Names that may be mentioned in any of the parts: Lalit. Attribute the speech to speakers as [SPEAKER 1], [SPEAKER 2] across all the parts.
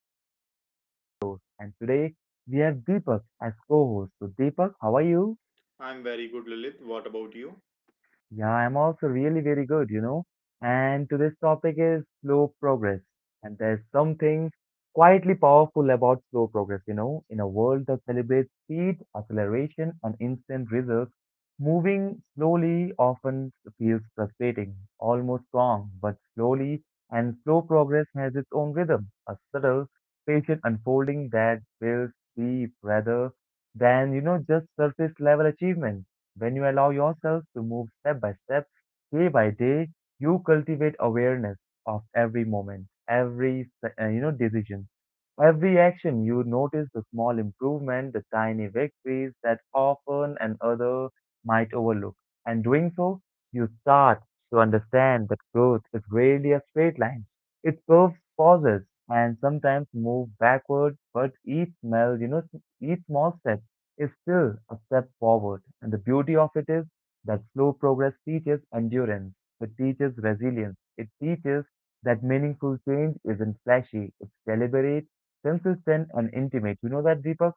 [SPEAKER 1] Lalit, your lovely host, and today we have Deepak as co-host. So, Deepak, how are you?
[SPEAKER 2] I'm very good, Lilith. What about you?
[SPEAKER 1] Yeah, I'm also really very good, And today's topic is slow progress. And there's something quietly powerful about slow progress, In a world that celebrates speed, acceleration, and instant results, moving slowly often feels frustrating, almost wrong, but slowly and slow progress has its own rhythm, a subtle, patient unfolding that builds deep rather than just surface level achievement. When you allow yourself to move step by step, day by day, you cultivate awareness of every moment, every decision, every action. You notice the small improvement, the tiny victories that often an other might overlook. And doing so, you start to understand that growth is really a straight line. It curves, pauses, and sometimes moves backward. But each small step is still a step forward. And the beauty of it is that slow progress teaches endurance, it teaches resilience, it teaches that meaningful change isn't flashy, it's deliberate, consistent, and intimate. You know that, Deepak?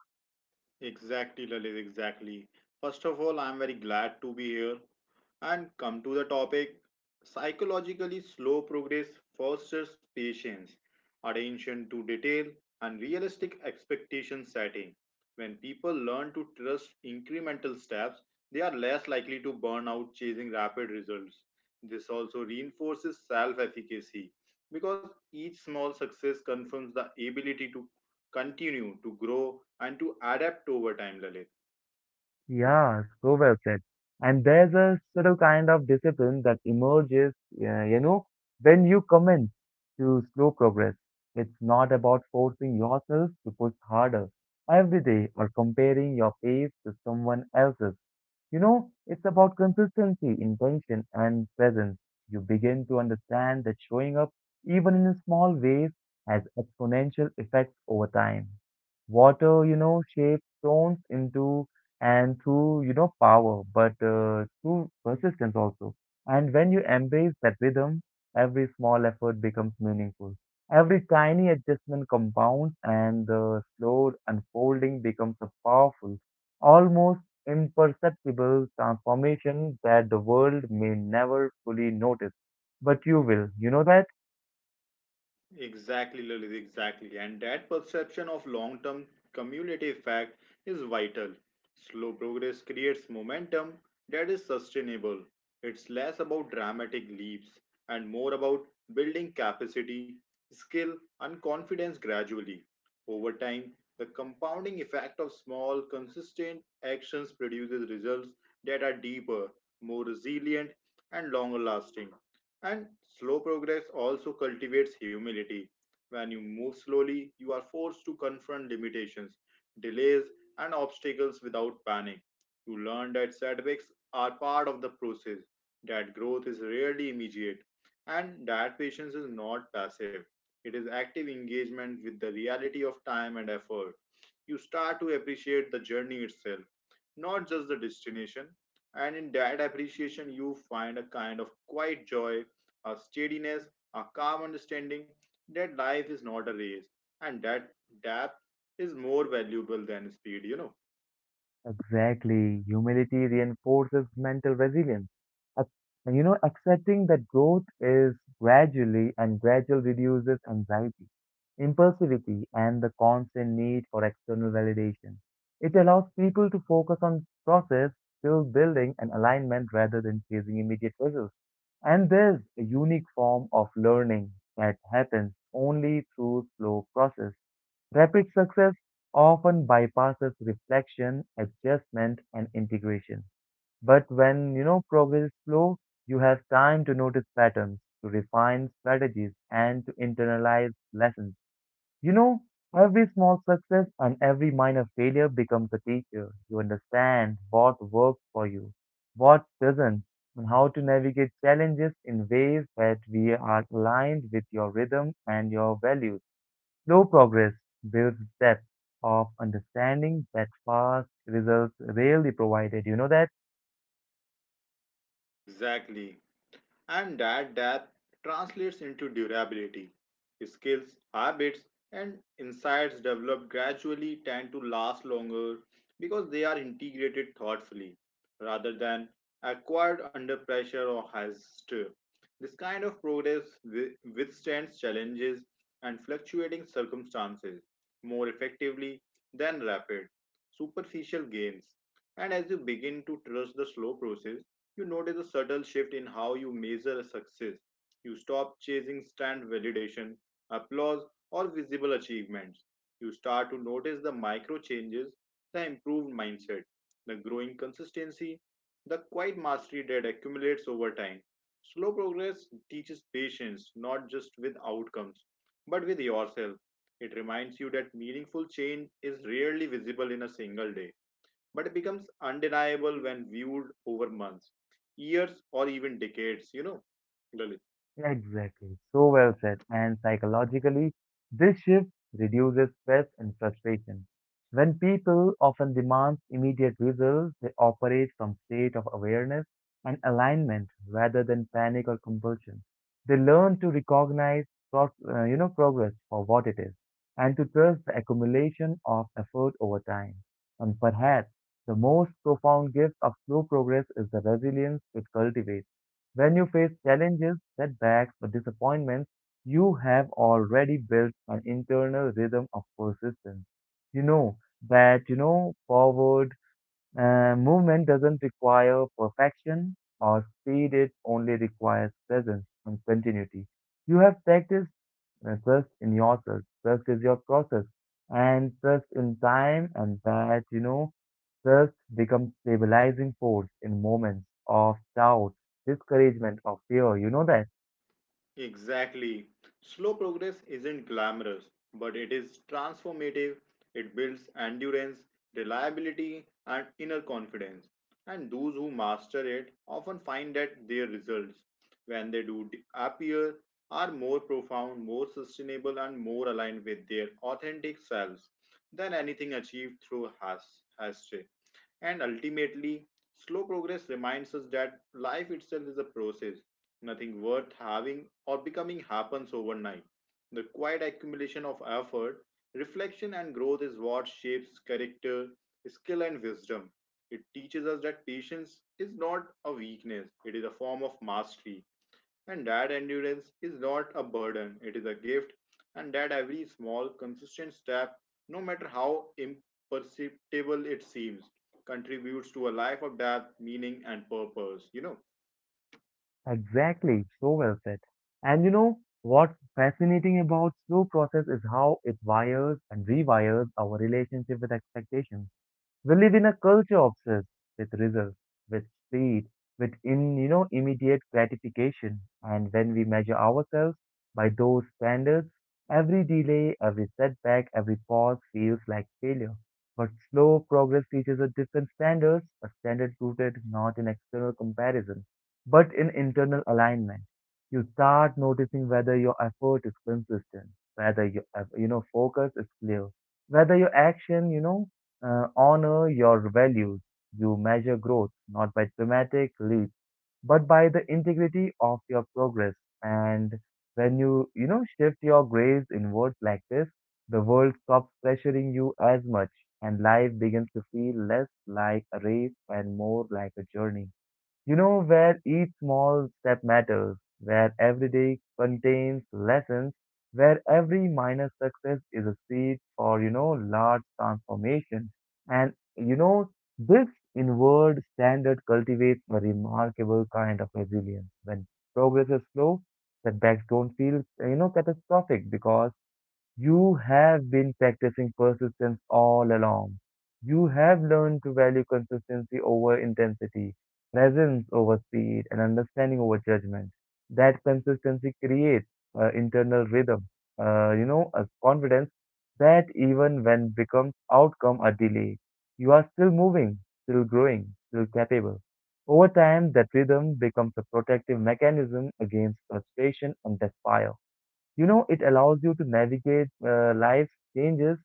[SPEAKER 2] Exactly, Lilith, exactly. First of all, I'm very glad to be here and come to the topic. Psychologically, slow progress fosters patience, attention to detail, and realistic expectation setting. When people learn to trust incremental steps, they are less likely to burn out chasing rapid results. This also reinforces self efficacy because each small success confirms the ability to continue to grow and to adapt over time, Lalit.
[SPEAKER 1] Yeah, so well said. And there's a subtle kind of discipline that emerges, uh, you know, when you commit to slow progress. It's not about forcing yourself to push harder every day or comparing your pace to someone else's. You know, it's about consistency, intention, and presence. You begin to understand that showing up, even in small ways, has exponential effects over time. Water, shapes stones into and through power, but through persistence also. And when you embrace that rhythm, every small effort becomes meaningful. Every tiny adjustment compounds, and the slow unfolding becomes a powerful, almost imperceptible transformation that the world may never fully notice. But you will, you know that?
[SPEAKER 2] Exactly, Lalit, exactly. And that perception of long term cumulative effect is vital. Slow progress creates momentum that is sustainable. It's less about dramatic leaps and more about building capacity, skill, and confidence gradually. Over time, the compounding effect of small, consistent actions produces results that are deeper, more resilient, and longer lasting. And slow progress also cultivates humility. When you move slowly, you are forced to confront limitations, delays, and obstacles without panic. You learn that setbacks are part of the process, that growth is rarely immediate, and that patience is not passive. It is active engagement with the reality of time and effort. You start to appreciate the journey itself, not just the destination. And in that appreciation, you find a kind of quiet joy, a steadiness, a calm understanding that life is not a race and that depth is more valuable than speed, you know.
[SPEAKER 1] Exactly. Humility reinforces mental resilience. Ac- accepting that growth is gradually and gradual reduces anxiety, impulsivity, and the constant need for external validation. It allows people to focus on process, skill building, and alignment rather than chasing immediate results. And there's a unique form of learning that happens only through slow process. Rapid success often bypasses reflection, adjustment, and integration. But when you know progress is slow, you have time to notice patterns, to refine strategies, and to internalize lessons. You know, every small success and every minor failure becomes a teacher. You understand what works for you, what doesn't, and how to navigate challenges in ways that we are aligned with your rhythm and your values. Slow progress builds depth of understanding that fast results rarely provided. You know that?
[SPEAKER 2] Exactly. And that depth translates into durability. Skills, habits, and insights developed gradually tend to last longer because they are integrated thoughtfully rather than acquired under pressure or haste. This kind of progress withstands challenges and fluctuating circumstances more effectively than rapid, superficial gains. And as you begin to trust the slow process, you notice a subtle shift in how you measure success. You stop chasing stand validation, applause, or visible achievements. You start to notice the micro changes, the improved mindset, the growing consistency, the quiet mastery that accumulates over time. Slow progress teaches patience, not just with outcomes, but with yourself. It reminds you that meaningful change is rarely visible in a single day, but it becomes undeniable when viewed over months, years, or even decades, you know, Lalit.
[SPEAKER 1] Exactly. So well said. And psychologically, this shift reduces stress and frustration. When people often demand immediate results, they operate from state of awareness and alignment rather than panic or compulsion. They learn to recognize progress for what it is and to trust the accumulation of effort over time. And perhaps the most profound gift of slow progress is the resilience it cultivates when you face challenges, setbacks, or disappointments. You have already built an internal rhythm of persistence. You know that, forward movement doesn't require perfection or speed, it only requires presence and continuity. You have practiced trust in yourself, trust is your process, and trust in time, and that, trust becomes stabilizing force in moments of doubt, discouragement, or fear. You know that?
[SPEAKER 2] Exactly. Slow progress isn't glamorous, but it is transformative. It builds endurance, reliability, and inner confidence. And those who master it often find that their results, when they appear, are more profound, more sustainable, and more aligned with their authentic selves than anything achieved through hasty. And ultimately, slow progress reminds us that life itself is a process. Nothing worth having or becoming happens overnight. The quiet accumulation of effort, reflection, and growth is what shapes character, skill, and wisdom. It teaches us that patience is not a weakness, it is a form of mastery, and that endurance is not a burden, it is a gift, and that every small, consistent step, no matter how imperceptible it seems, contributes to a life of depth, meaning, and purpose. You know.
[SPEAKER 1] Exactly. So well said. And you know, what's fascinating about slow process is how it wires and rewires our relationship with expectations. We live in a culture obsessed with results, with speed, with in you know immediate gratification, and when we measure ourselves by those standards, every delay, every setback, every pause feels like failure. But slow progress teaches a different standard, a standard rooted not in external comparison, but in internal alignment. You start noticing whether your effort is consistent, whether your focus is clear, whether your action honor your values. You measure growth not by dramatic leaps, but by the integrity of your progress. And when you, shift your gaze inwards like this, the world stops pressuring you as much, and life begins to feel less like a race and more like a journey. You know, where each small step matters, where every day contains lessons, where every minor success is a seed for, large transformation. And, this inward standard cultivates a remarkable kind of resilience. When progress is slow, setbacks don't feel, catastrophic because you have been practicing persistence all along. You have learned to value consistency over intensity, presence over speed, and understanding over judgment. That consistency creates internal rhythm, a confidence that even when becomes outcome a delay, you are still moving, still growing, still capable. Over time, that rhythm becomes a protective mechanism against frustration and despair. You know, it allows you to navigate life's changes,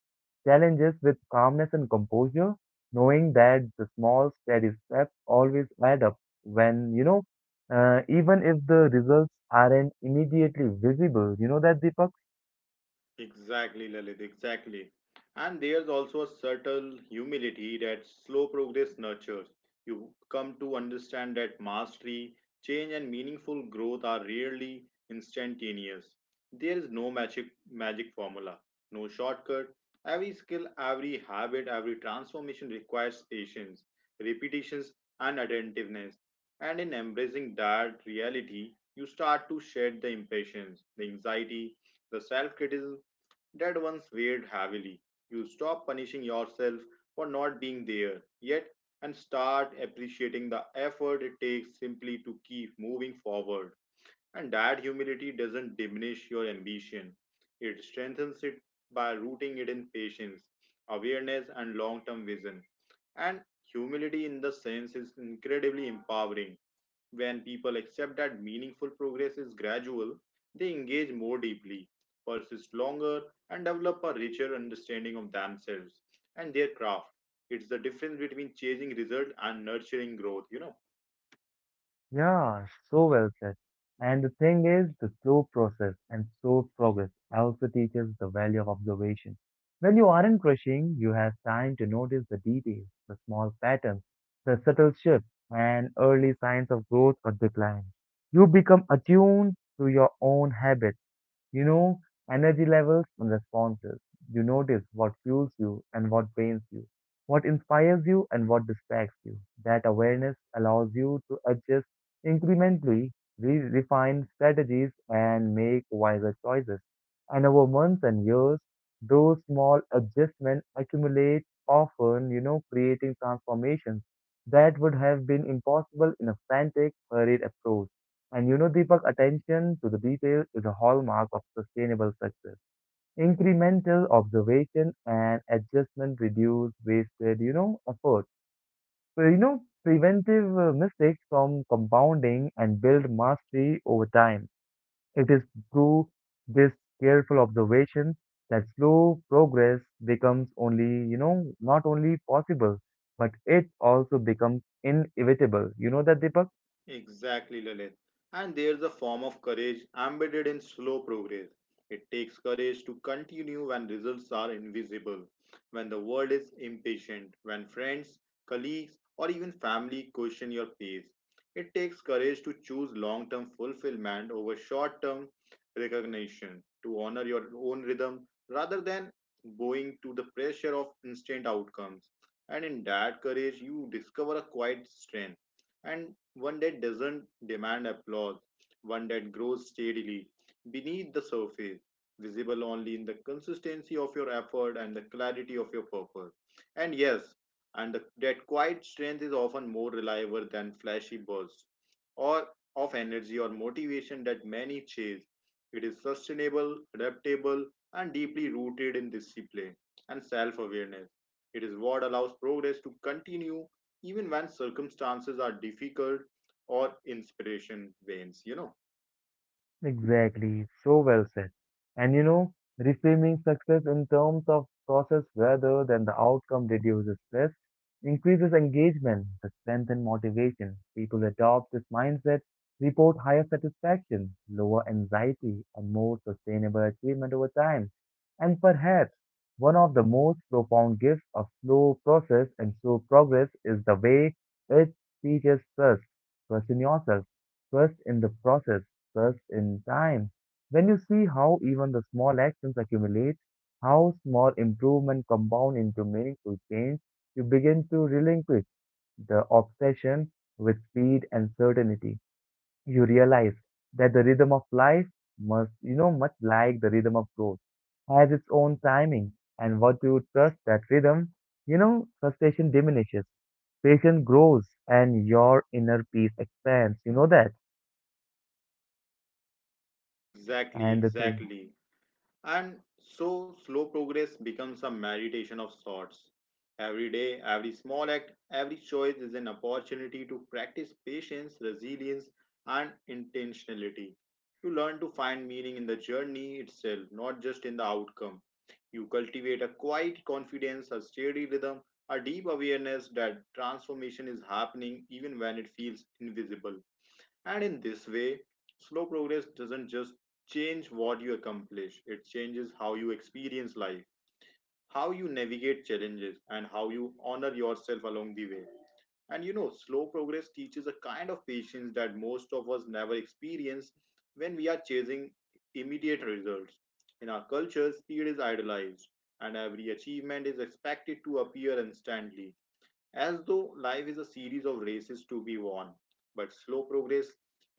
[SPEAKER 1] challenges with calmness and composure, knowing that the small, steady steps always add up when, even if the results aren't immediately visible. You know that, Deepak?
[SPEAKER 2] Exactly, Lalit, exactly. And there's also a subtle humility that slow progress nurtures. You come to understand that mastery, change, and meaningful growth are rarely instantaneous. There is no magic formula, no shortcut. Every skill, every habit, every transformation requires patience, repetitions, and attentiveness. And in embracing that reality, you start to shed the impatience, the anxiety, the self criticism that once weighed heavily. You stop punishing yourself for not being there yet and start appreciating the effort it takes simply to keep moving forward. And that humility doesn't diminish your ambition, it strengthens it by rooting it in patience, awareness, and long term vision. And humility, in the sense, is incredibly empowering. When people accept that meaningful progress is gradual, they engage more deeply, persist longer, and develop a richer understanding of themselves and their craft. It's the difference between chasing results and nurturing growth, you know.
[SPEAKER 1] Yeah, so well said. And the thing is, the slow process and slow progress also teaches the value of observation. When you aren't rushing, you have time to notice the details, the small patterns, the subtle shifts, and early signs of growth or decline. You become attuned to your own habits, you know, energy levels and responses. You notice what fuels you and what drains you, what inspires you and what distracts you. That awareness allows you to adjust incrementally, refine strategies, and make wiser choices. And over months and years, those small adjustments accumulate often, creating transformations that would have been impossible in a frantic, hurried approach. And you know, Deepak, attention to the detail is a hallmark of sustainable success. Incremental observation and adjustment reduce wasted, effort. So, preventive mistakes from compounding and build mastery over time. It is through this careful observation that slow progress becomes only, not only possible, but it also becomes inevitable. You know that, Deepak?
[SPEAKER 2] Exactly, Lalit. And there's a form of courage embedded in slow progress. It takes courage to continue when results are invisible, when the world is impatient, when friends, colleagues, or even family question your pace. It takes courage to choose long term fulfillment over short term recognition, to honor your own rhythm rather than bowing to the pressure of instant outcomes. And in that courage, you discover a quiet strength. And one that doesn't demand applause, one that grows steadily beneath the surface, visible only in the consistency of your effort and the clarity of your purpose. And yes, and the, that quiet strength is often more reliable than flashy bursts or of energy or motivation that many chase. It is sustainable, adaptable, and deeply rooted in discipline and self awareness. It is what allows progress to continue even when circumstances are difficult or inspiration wanes, you know.
[SPEAKER 1] Exactly, so well said. And you know, reframing success in terms of process rather than the outcome reduces stress, increases engagement, strengthens motivation. People adopt this mindset, report higher satisfaction, lower anxiety, and more sustainable achievement over time. And perhaps one of the most profound gifts of slow process and slow progress is the way it teaches trust. Trust in yourself, trust in the process stress in time. When you see how even the small actions accumulate, how small improvement compound into meaningful change, you begin to relinquish the obsession with speed and certainty. You realize that the rhythm of life must, much like the rhythm of growth, has its own timing. And what you trust that rhythm, frustration diminishes patience grows and your inner peace expands. You know that?
[SPEAKER 2] Exactly,
[SPEAKER 1] And the thing,
[SPEAKER 2] exactly. And so slow progress becomes a meditation of sorts. Every day, every small act, every choice is an opportunity to practice patience, resilience, and intentionality. You learn to find meaning in the journey itself, not just in the outcome. You cultivate a quiet confidence, a steady rhythm, a deep awareness that transformation is happening even when it feels invisible. And in this way, slow progress doesn't just change what you accomplish, it changes how you experience life, how you navigate challenges, and how you honor yourself along the way. And you know, slow progress teaches a kind of patience that most of us never experience when we are chasing immediate results. In our culture, speed is idolized, and every achievement is expected to appear instantly as though life is a series of races to be won. But slow progress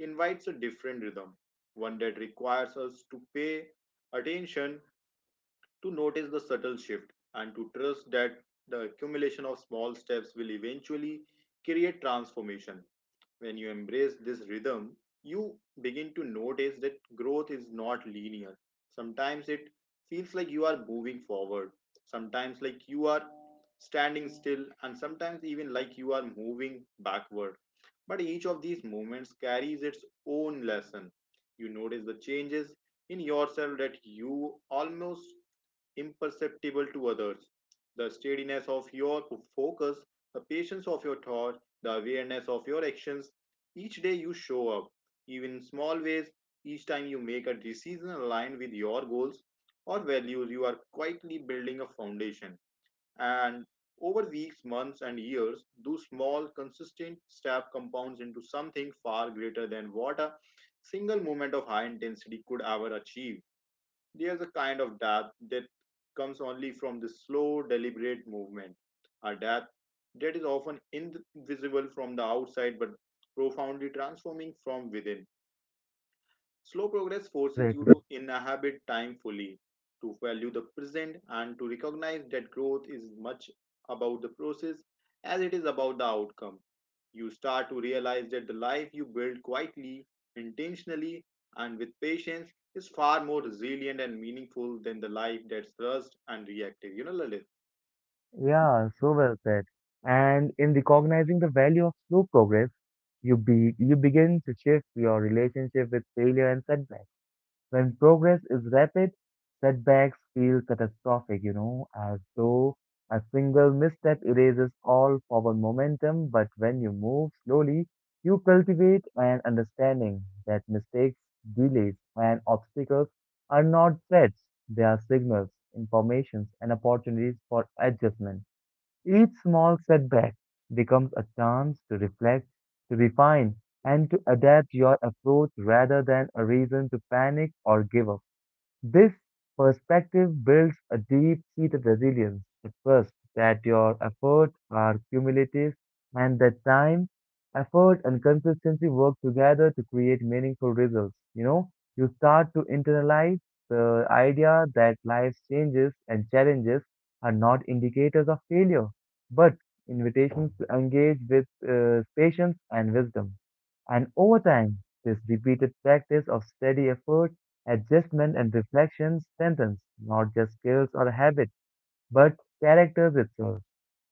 [SPEAKER 2] invites a different rhythm, one that requires us to pay attention to notice the subtle shift and to trust that the accumulation of small steps will eventually create transformation. When you embrace this rhythm, you begin to notice that growth is not linear. Sometimes it feels like you are moving forward, sometimes like you are standing still, and sometimes even like you are moving backward. But each of these moments carries its own lesson. You notice the changes in yourself that you almost imperceptible to others. The steadiness of your focus, the patience of your thought, the awareness of your actions. Each day you show up, even in small ways, each time you make a decision aligned with your goals or values, you are quietly building a foundation. And over weeks, months, and years, those small, consistent steps compounds into something far greater than what a single moment of high intensity could ever achieve. There's a kind of death that comes only from the slow, deliberate movement, a death that is often invisible from the outside but profoundly transforming from within. Slow progress forces you
[SPEAKER 1] exactly.
[SPEAKER 2] to inhabit time fully, to value the present, and to recognize that growth is much about the process as it is about the outcome. You start to realize that the life you build quietly, intentionally, and with patience is far more resilient and meaningful than the life that's rushed and reactive. You know, Lalit?
[SPEAKER 1] Yeah, so well said. And in recognizing the value of slow progress, you begin to shift your relationship with failure and setbacks. When progress is rapid, setbacks feel catastrophic, as though a single misstep erases all forward momentum. But when you move slowly, you cultivate an understanding that mistakes, delays, and obstacles are not threats. They are signals, informations, and opportunities for adjustment. Each small setback becomes a chance to reflect, to refine, and to adapt your approach rather than a reason to panic or give up. This perspective builds a deep seated resilience, a trust that your efforts are cumulative and that time, effort, and consistency work together to create meaningful results. You know, you start to internalize the idea that life's changes and challenges are not indicators of failure, but invitations to engage with patience and wisdom. And over time, this repeated practice of steady effort, adjustment and reflection strengthens not just skills or habits, but characters itself.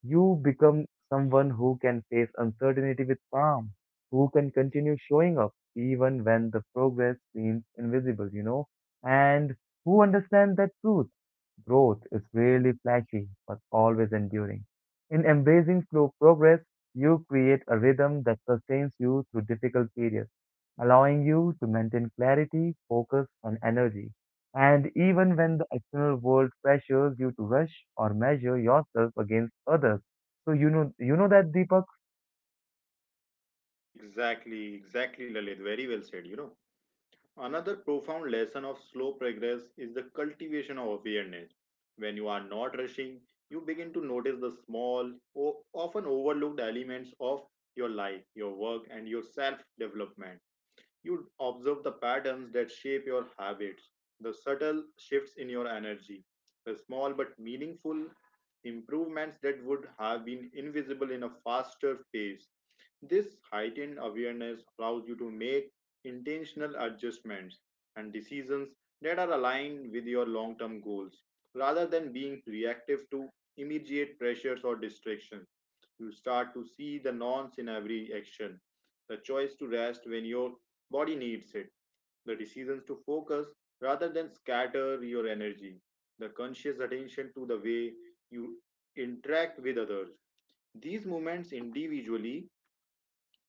[SPEAKER 1] You become someone who can face uncertainty with calm, who can continue showing up even when the progress seems invisible, and who understand that truth. Growth is rarely flashy, but always enduring. In embracing slow progress, you create a rhythm that sustains you through difficult periods, allowing you to maintain clarity, focus, and energy. And even when the external world pressures you to rush or measure yourself against others. So you know that Deepak?
[SPEAKER 2] Exactly, exactly, Lalit. Very well said, you know. Another profound lesson of slow progress is the cultivation of awareness. When you are not rushing, you begin to notice the small, often overlooked elements of your life, your work, and your self development. You observe the patterns that shape your habits, the subtle shifts in your energy, the small but meaningful improvements that would have been invisible in a faster pace. This heightened awareness allows you to make intentional adjustments and decisions that are aligned with your long term goals rather than being reactive to immediate pressures or distractions. You start to see the nonce in every action. The choice to rest when your body needs it. The decisions to focus rather than scatter your energy. The conscious attention to the way you interact with others. These movements individually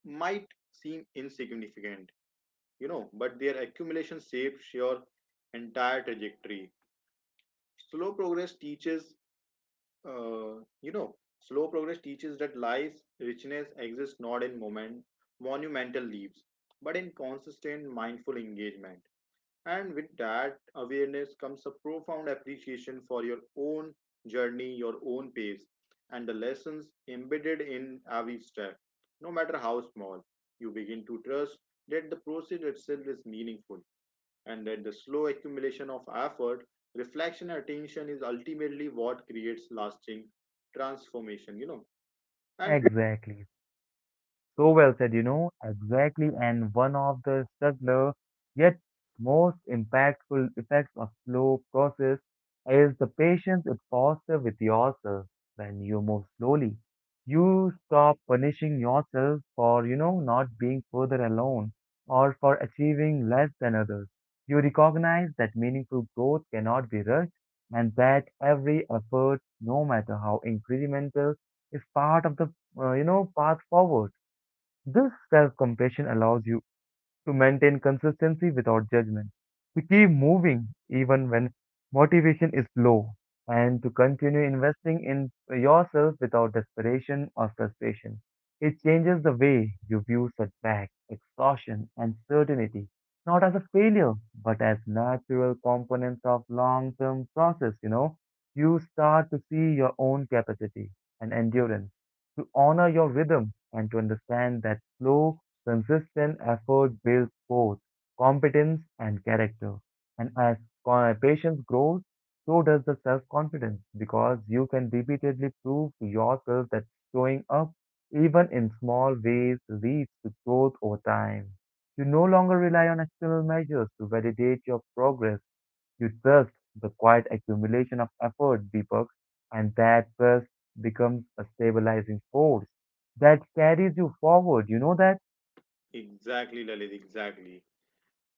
[SPEAKER 2] might seem insignificant, you know, but their accumulation shapes your entire trajectory. Slow progress teaches, Slow progress teaches that life's richness exists not in monumental leaps, but in consistent mindful engagement. And with that awareness comes a profound appreciation for your own journey, your own pace, and the lessons embedded in every step, no matter how small. You begin to trust that the process itself is meaningful and that the slow accumulation of effort, reflection, and attention is ultimately what creates lasting transformation, you know. And
[SPEAKER 1] Exactly. So well said, you know, exactly. And one of the subtler yet most impactful effects of slow process is the patience it fosters with yourself when you move slowly. You stop punishing yourself for, not being further alone or for achieving less than others. You recognize that meaningful growth cannot be rushed and that every effort, no matter how incremental, is part of the, path forward. This self compassion allows you to maintain consistency without judgment, to keep moving even when motivation is low, and to continue investing in yourself without desperation or frustration. It changes the way you view setback, exhaustion, and certainty, not as a failure, but as natural components of long term process, you know. You start to see your own capacity and endurance, to honor your rhythm, and to understand that slow consistent effort builds both competence and character. And as patience grows, so does the self confidence because you can repeatedly prove to yourself that showing up, even in small ways, leads to growth over time. You no longer rely on external measures to validate your progress. You trust the quiet accumulation of effort, Deepak, and that trust becomes a stabilizing force that carries you forward. You know that?
[SPEAKER 2] exactly, Lalit, exactly.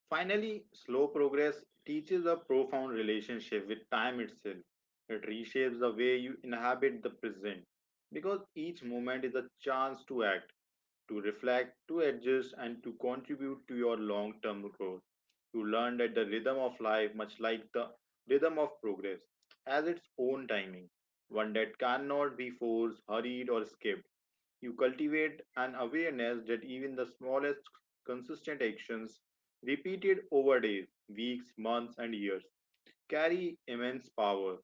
[SPEAKER 2] Finally, slow progress teaches a profound relationship with time itself. It reshapes the way you inhabit the present because each moment is a chance to act, to reflect, to adjust, and to contribute to your long term growth. You learn that the rhythm of life, much like the rhythm of progress, has its own timing, one that cannot be forced, hurried, or skipped. You cultivate an awareness that even the smallest consistent actions repeated over days, weeks, months, and years, carry immense power.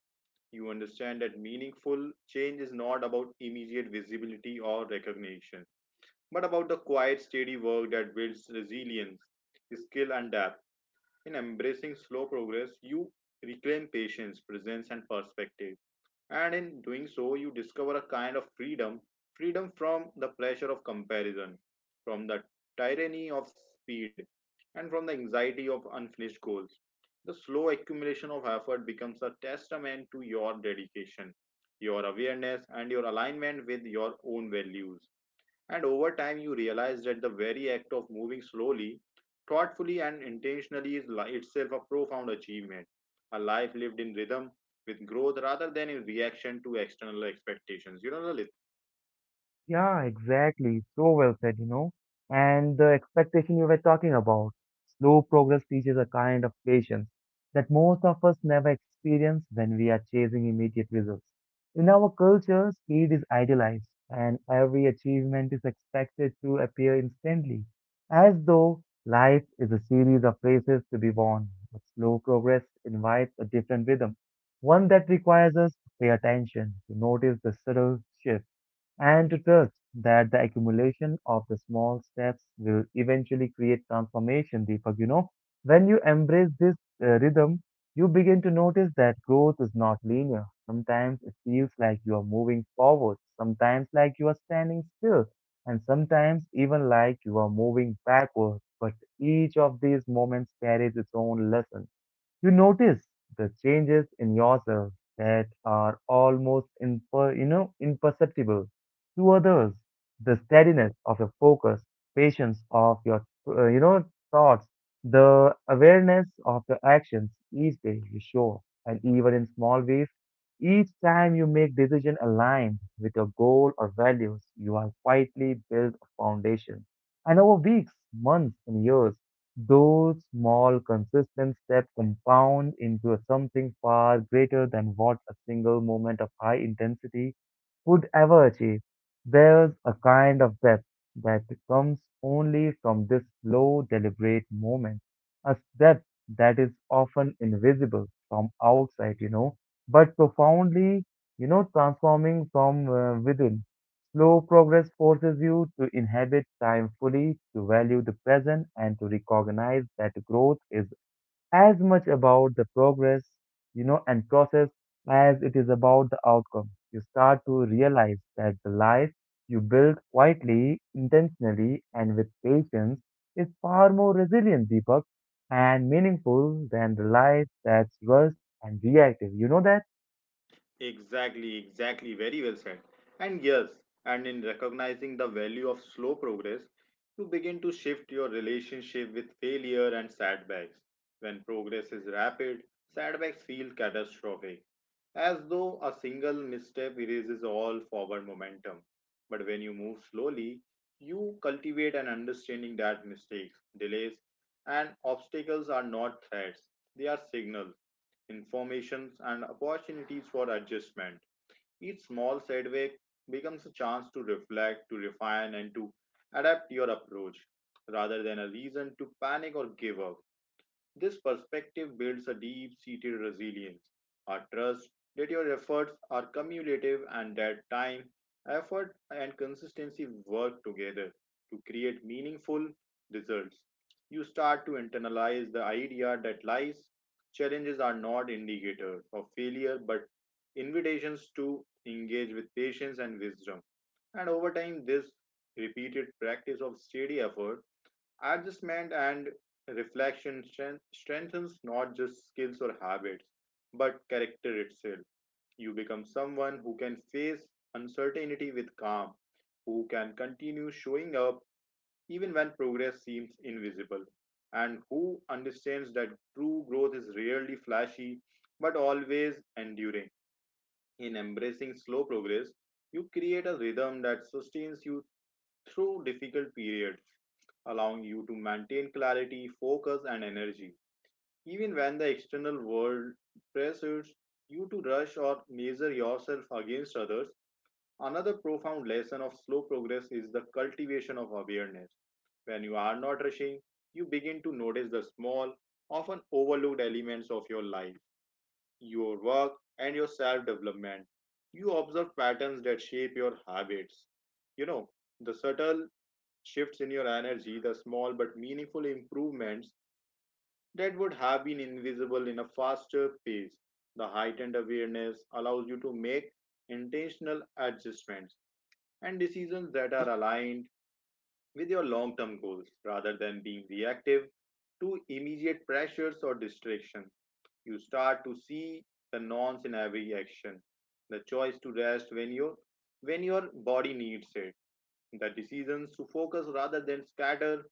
[SPEAKER 2] You understand that meaningful change is not about immediate visibility or recognition, but about the quiet, steady work that builds resilience, skill, and depth. In embracing slow progress, you reclaim patience, presence, and perspective. And in doing so, you discover a kind of freedom from the pleasure of comparison, from the tyranny of speed, and from the anxiety of unfinished goals. The slow accumulation of effort becomes a testament to your dedication, your awareness, and your alignment with your own values. And over time, you realize that the very act of moving slowly, thoughtfully, and intentionally itself a profound achievement, a life lived in rhythm with growth rather than in reaction to external expectations. You know, Lalit?
[SPEAKER 1] Yeah, exactly. So well said, you know. And the expectation you were talking about, slow progress teaches a kind of patience that most of us never experience when we are chasing immediate results. In our culture, speed is idealized, and every achievement is expected to appear instantly, as though life is a series of races to be won. But slow progress invites a different rhythm, one that requires us to pay attention, to notice the subtle shifts and to trust that the accumulation of the small steps will eventually create transformation, Deepak. You know, when you embrace this rhythm, you begin to notice that growth is not linear. Sometimes it feels like you are moving forward, sometimes like you are standing still, and sometimes even like you are moving backward. But each of these moments carries its own lesson. You notice the changes in yourself that are almost you know, imperceptible to others. The steadiness of your focus, patience of your you know, thoughts, the awareness of your actions each day you show, and even in small ways, each time you make decision aligned with your goal or values, you are quietly build a foundation. And over weeks, months, and years those small, consistent steps compound into something far greater than what a single moment of high intensity could ever achieve. There's a kind of depth that comes only from this slow, deliberate moment, a depth that is often invisible from outside, you know, but profoundly, you know, transforming from within. Slow progress forces you to inhabit time fully, to value the present, and to recognize that growth is as much about the progress, you know, and process as it is about the outcome. You start to realize that the life you build quietly, intentionally, and with patience is far more resilient, Deepak, and meaningful than the life that's rushed and reactive. You know that?
[SPEAKER 2] Exactly, exactly. Very well said. And yes, and in recognizing the value of slow progress, you begin to shift your relationship with failure and setbacks. When progress is rapid, setbacks feel catastrophic, as though a single misstep erases all forward momentum. But when you move slowly, you cultivate an understanding that mistakes, delays, and obstacles are not threats, they are signals informations, and opportunities for adjustment. Each small setback becomes a chance to reflect, to refine, and to adapt your approach rather than a reason to panic or give up. This perspective builds a deep seated resilience, a trust that your efforts are cumulative and that time, effort, and consistency work together to create meaningful results. You start to internalize the idea that life's challenges are not indicators of failure but invitations to engage with patience and wisdom. And over time, this repeated practice of steady effort adjustment and reflection strengthens not just skills or habits, but character itself. You become someone who can face uncertainty with calm, who can continue showing up even when progress seems invisible, and who understands that true growth is rarely flashy but always enduring. In embracing slow progress, you create a rhythm that sustains you through difficult periods allowing you to maintain clarity, focus, and energy, even when the external world pressures you to rush or measure yourself against others. Another profound lesson of slow progress is the cultivation of awareness. When you are not rushing, you begin to notice the small, often overlooked elements of your life, your work, and your self development. You observe patterns that shape your habits, you know, the subtle shifts in your energy, the small but meaningful improvements that would have been invisible in a faster pace. The heightened awareness allows you to make intentional adjustments and decisions that are aligned with your long term goals rather than being reactive to immediate pressures or distractions. You start to see the nonce in every action, the choice to rest when your body needs it, the decisions to focus rather than scatter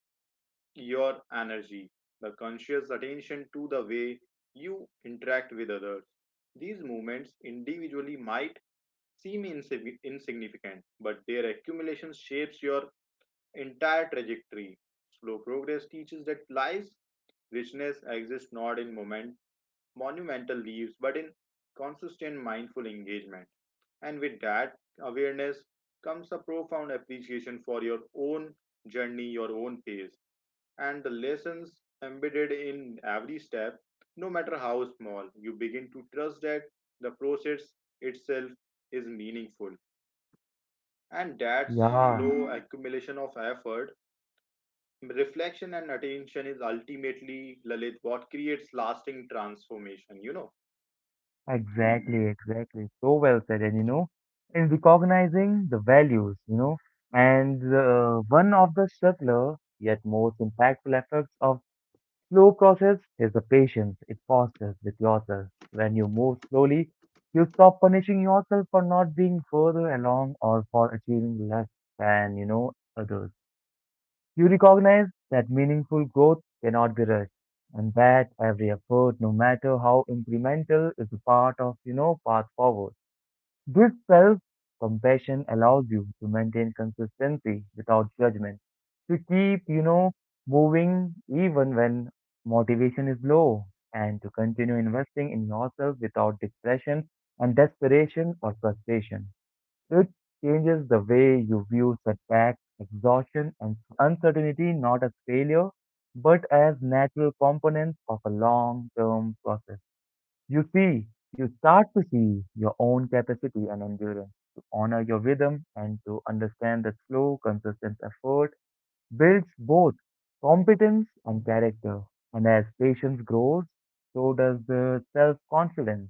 [SPEAKER 2] your energy, the conscious attention to the way you interact with others. These movements individually might insignificant, but their accumulation shapes your entire trajectory. Slow progress teaches that life's richness exists not in monumental leaps, but in consistent mindful engagement. And with that awareness comes a profound appreciation for your own journey, your own pace and the lessons embedded in every step, no matter how small. You begin to trust that the process itself is meaningful. And that
[SPEAKER 1] Yeah.
[SPEAKER 2] slow accumulation of effort, reflection, and attention is ultimately, Lalit, what creates lasting transformation, you know?
[SPEAKER 1] Exactly, exactly. So well said. And you know, in recognizing the values, you know, and one of the subtler yet most impactful effects of slow process is the patience it fosters with yourself. When you move slowly, you stop punishing yourself for not being further along or for achieving less than, you know, others. You recognize that meaningful growth cannot be rushed and that every effort, no matter how incremental, is a part of, you know, path forward. This self-compassion allows you to maintain consistency without judgment, to keep, you know, moving even when motivation is low and to continue investing in yourself without depression and desperation or frustration. It changes the way you view setbacks, exhaustion, and uncertainty not as failure, but as natural components of a long term process. You see, you start to see your own capacity and endurance, to honor your rhythm, and to understand that slow, consistent effort builds both competence and character. And as patience grows, so does the self confidence.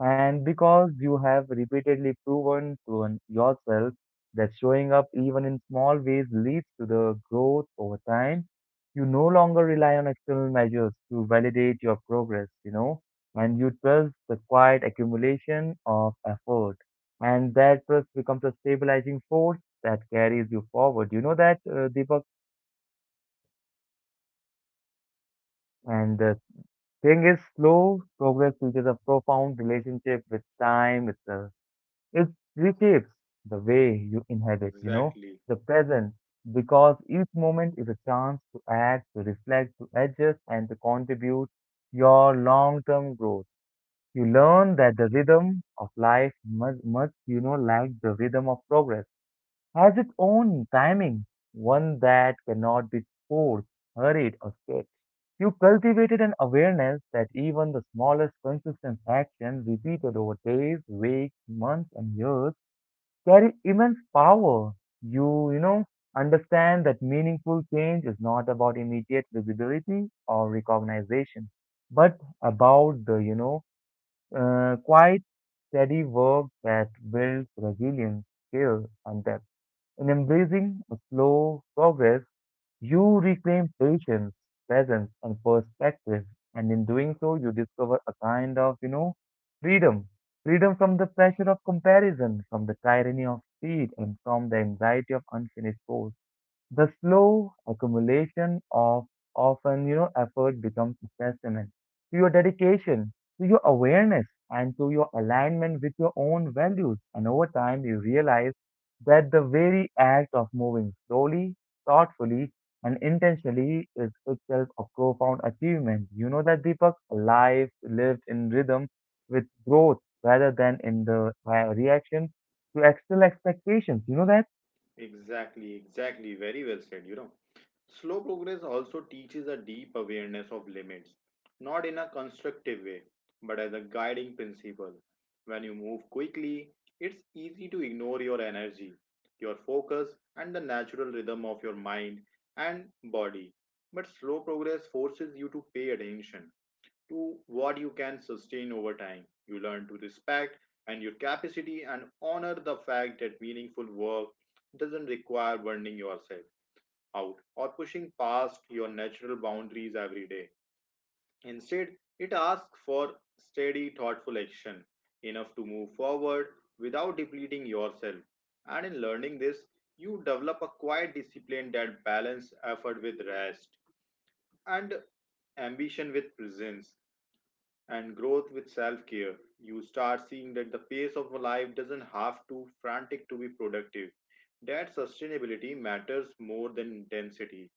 [SPEAKER 1] And because you have repeatedly proven to yourself that showing up even in small ways leads to the growth over time, you no longer rely on external measures to validate your progress, you know, and you trust the quiet accumulation of effort. And that trust becomes a stabilizing force that carries you forward. You know that, Deepak? And the thing is, slow progress teaches a profound relationship with time, with the it reshapes the way you inhabit, you know,
[SPEAKER 2] Exactly,
[SPEAKER 1] the present, because each moment is a chance to act, to reflect, to adjust, and to contribute your long-term growth. You learn that the rhythm of life much, you know, like the rhythm of progress, has its own timing, one that cannot be forced, hurried, or skipped. You cultivated an awareness that even the smallest consistent action repeated over days, weeks, months, and years carry immense power. You know, understand that meaningful change is not about immediate visibility or recognition, but about the, you know, quiet, steady work that builds resilience, skill, and depth. In embracing a slow progress, you reclaim patience, presence, and perspective, and in doing so, you discover a kind of, you know, freedom. Freedom from the pressure of comparison, from the tyranny of speed, and from the anxiety of unfinished goals. The slow accumulation of often, you know, effort becomes a testament to your dedication, to your awareness, and to your alignment with your own values. And over time, you realize that the very act of moving slowly, thoughtfully, and intentionally is itself a profound achievement. You know that, Deepak, life lived in rhythm with growth rather than in the reaction to external expectations. You know that?
[SPEAKER 2] exactly, exactly. Very well said, you know. Slow progress also teaches a deep awareness of limits, not in a constructive way, but as a guiding principle. When you move quickly, it's easy to ignore your energy, your focus, and the natural rhythm of your mind and body. But slow progress forces you to pay attention to what you can sustain over time. You learn to respect and your capacity and honor the fact that meaningful work doesn't require burning yourself out or pushing past your natural boundaries every day. Instead, it asks for steady, thoughtful action, enough to move forward without depleting yourself. And in learning this, you develop a quiet discipline that balances effort with rest, and ambition with presence, and growth with self care. You start seeing that the pace of life doesn't have to frantic to be productive, that sustainability matters more than intensity,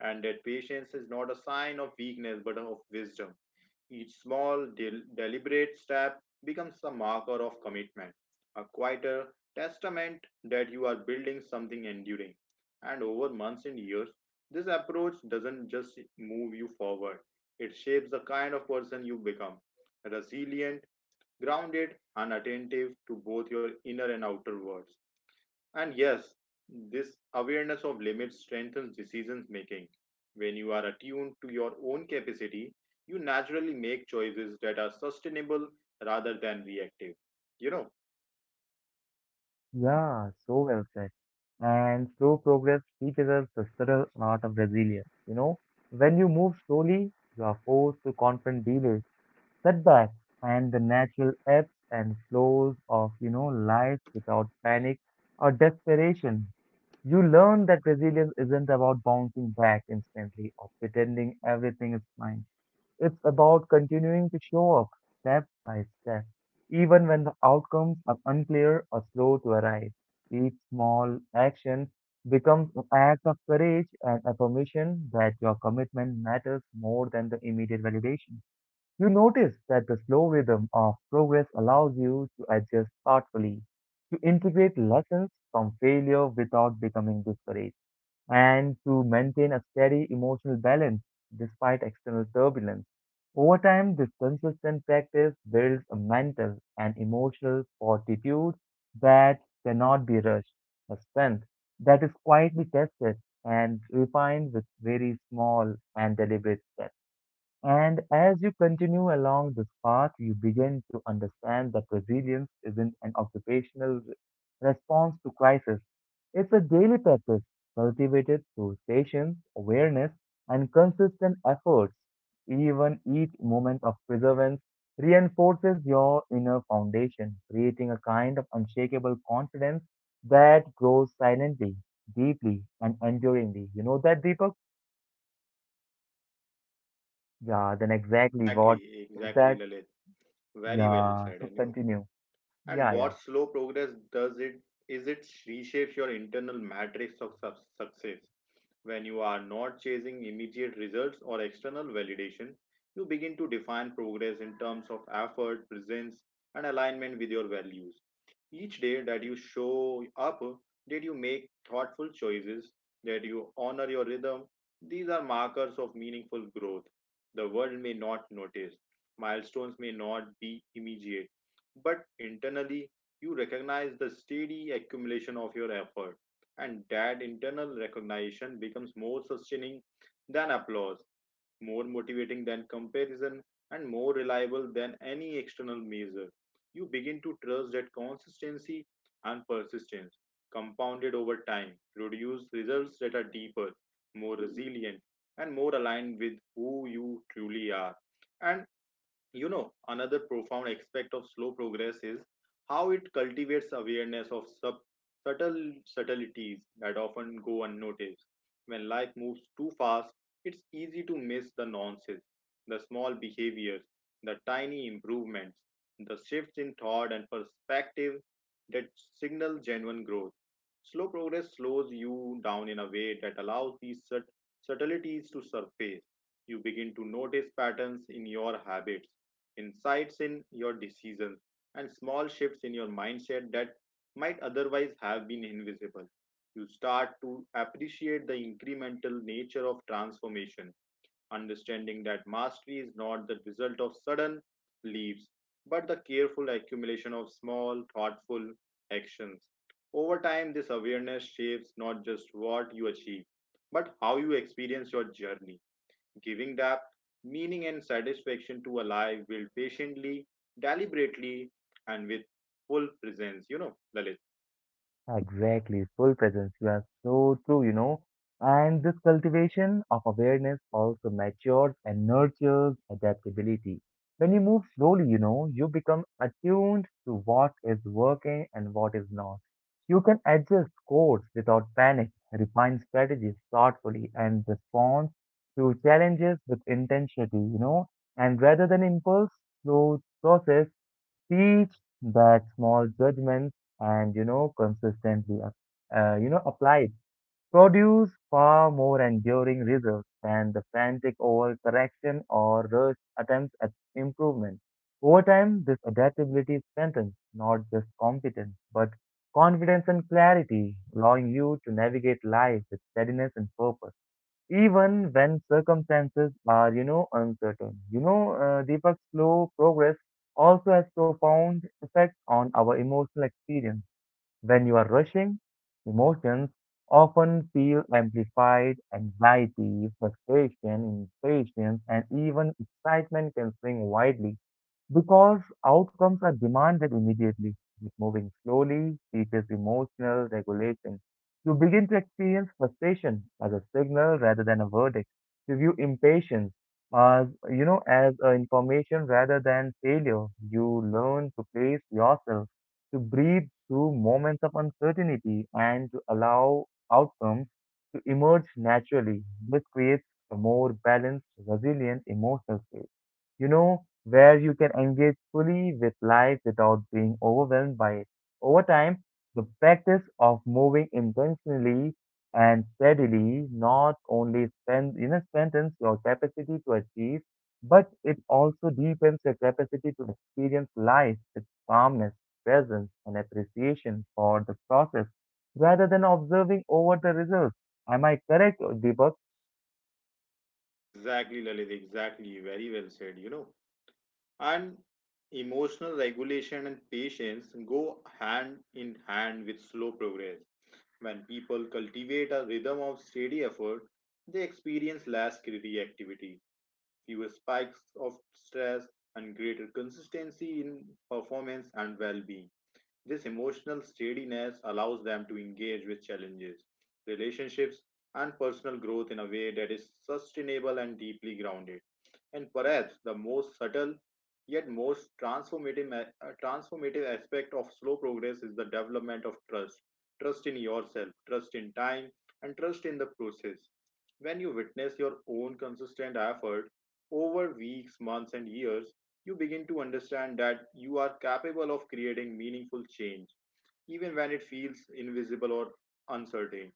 [SPEAKER 2] and that patience is not a sign of weakness but of wisdom. Each deliberate step becomes a marker of commitment, a quieter testament that you are building something enduring. And over months and years, this approach doesn't just move you forward, it shapes the kind of person you become resilient, grounded, and attentive to both your inner and outer worlds. And yes, this awareness of limits strengthens decision making. When you are attuned to your own capacity, you naturally make choices that are sustainable rather than reactive. You know,
[SPEAKER 1] Yeah, so well said. And slow progress teaches us the subtle art of resilience. You know, when you move slowly, you are forced to confront delays, setbacks, and the natural ebbs and flows of, you know, life without panic or desperation. You learn that resilience isn't about bouncing back instantly or pretending everything is fine. It's about continuing to show up step by step, even when the outcomes are unclear or slow to arrive. Each small action becomes an act of courage and affirmation that your commitment matters more than the immediate validation. You notice that the slow rhythm of progress allows you to adjust thoughtfully, to integrate lessons from failure without becoming discouraged and to maintain a steady emotional balance despite external turbulence. Over time, this consistent practice builds a mental and emotional fortitude that cannot be rushed, a strength that is quietly tested and refined with very small and deliberate steps. And as you continue along this path, you begin to understand that resilience isn't an response to crisis. It's a daily practice cultivated through patience, awareness, and consistent efforts. Even each moment of perseverance reinforces your inner foundation, creating a kind of unshakable confidence that grows silently, deeply, and enduringly. You know that, Deepak? Yeah, then exactly what
[SPEAKER 2] exactly,
[SPEAKER 1] is
[SPEAKER 2] exactly,
[SPEAKER 1] that?
[SPEAKER 2] Lalit. Very well
[SPEAKER 1] Yeah,
[SPEAKER 2] said,
[SPEAKER 1] so
[SPEAKER 2] and you.
[SPEAKER 1] continue.
[SPEAKER 2] And
[SPEAKER 1] Yeah, yeah,
[SPEAKER 2] what slow progress does it is it reshapes your internal matrix of success. When you are not chasing immediate results or external validation, you begin to define progress in terms of effort, presence, and alignment with your values. Each day that you show up, that you make thoughtful choices, that you honor your rhythm, these are markers of meaningful growth. The world may not notice, milestones may not be immediate, but internally, you recognize the steady accumulation of your effort and that internal recognition becomes more sustaining than applause, more motivating than comparison, and more reliable than any external measure. You begin to trust that consistency and persistence, compounded over time, produce results that are deeper, more resilient, and more aligned with who you truly are. And you know, another profound aspect of slow progress is how it cultivates awareness of subtleties that often go unnoticed. When life moves too fast, it's easy to miss the nuances, the small behaviors, the tiny improvements, the shifts in thought and perspective that signal genuine growth. Slow progress slows you down in a way that allows these subtleties to surface. You begin to notice patterns in your habits insights in your decisions, and small shifts in your mindset that might otherwise have been invisible. You start to appreciate the incremental nature of transformation, understanding that mastery is not the result of sudden leaps, but the careful accumulation of small, thoughtful actions. Over time, this awareness shapes not just what you achieve, but how you experience your journey giving depth, meaning, and satisfaction to a life built patiently, deliberately, and with full presence. You know, Lalit.
[SPEAKER 1] exactly. Full presence. You are so true, you know. And this cultivation of awareness also matures and nurtures adaptability. When you move slowly, you know, you become attuned to what is working and what is not. You can adjust course without panic, refine strategies thoughtfully, and respond to challenges with intensity, you know. And rather than impulse, slow process teach that small judgments and you know consistently you know, applied produce far more enduring results than the frantic overcorrection or rushed attempts at improvement. Over time, this adaptability strengthens not just competence but confidence and clarity, allowing you to navigate life with steadiness and purpose even when circumstances are, you know, uncertain. You know, Deepak's slow progress also has profound effects on our emotional experience. When you are rushing, emotions often feel amplified. Anxiety, frustration, impatience, and even excitement can swing widely because outcomes are demanded immediately. With moving slowly teaches emotional regulation. You begin to experience frustration as a signal rather than a verdict. You view impatience as, you know, as information rather than failure. You learn to pace yourself, to breathe through moments of uncertainty, and to allow outcomes to emerge naturally. This creates a more balanced, resilient emotional state, you know, where you can engage fully with life without being overwhelmed by it. Over time, the practice of moving intentionally and steadily not only you know, strengthens your capacity to achieve, but it also deepens your capacity to experience life with calmness, presence, and appreciation for the process rather than observing over the results. Am I correct, Deepak?
[SPEAKER 2] Exactly, Lalit. Exactly. Very well said. You know, and emotional regulation and patience go hand in hand with slow progress. When people cultivate a rhythm of steady effort, they experience less reactivity, fewer spikes of stress, and greater consistency in performance and well being. This emotional steadiness allows them to engage with challenges, relationships, and personal growth in a way that is sustainable and deeply grounded. And perhaps the most subtle yet most transformative aspect of slow progress is the development of trust, trust in yourself, trust in time, and trust in the process. When you witness your own consistent effort over weeks, months, and years, you begin to understand that you are capable of creating meaningful change even when it feels invisible or uncertain.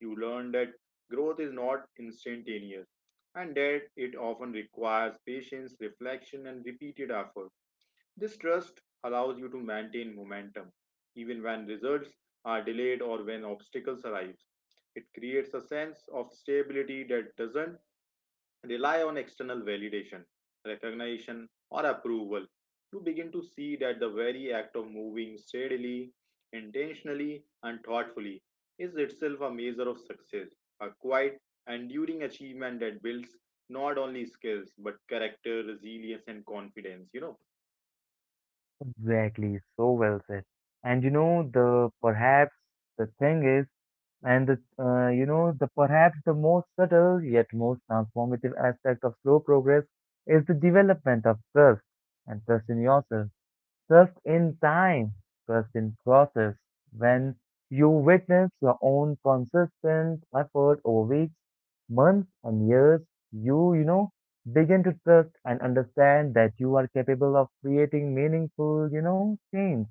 [SPEAKER 2] You learn that growth is not instantaneous and that it often requires patience, reflection, and repeated effort. This trust allows you to maintain momentum even when results are delayed or when obstacles arise. It creates a sense of stability that doesn't rely on external validation, recognition, or approval. You begin to see that the very act of moving steadily, intentionally, and thoughtfully is itself a measure of success, a quiet, enduring achievement that builds not only skills but character, resilience, and confidence. You know,
[SPEAKER 1] Exactly, so well said. And you know, the perhaps the thing is, and the you know, the perhaps the most subtle yet most transformative aspect of slow progress is the development of trust and trust in yourself, just in time, trust in process. When you witness your own consistent effort over weeks, months, and years, you know, begin to trust and understand that you are capable of creating meaningful, you know, change.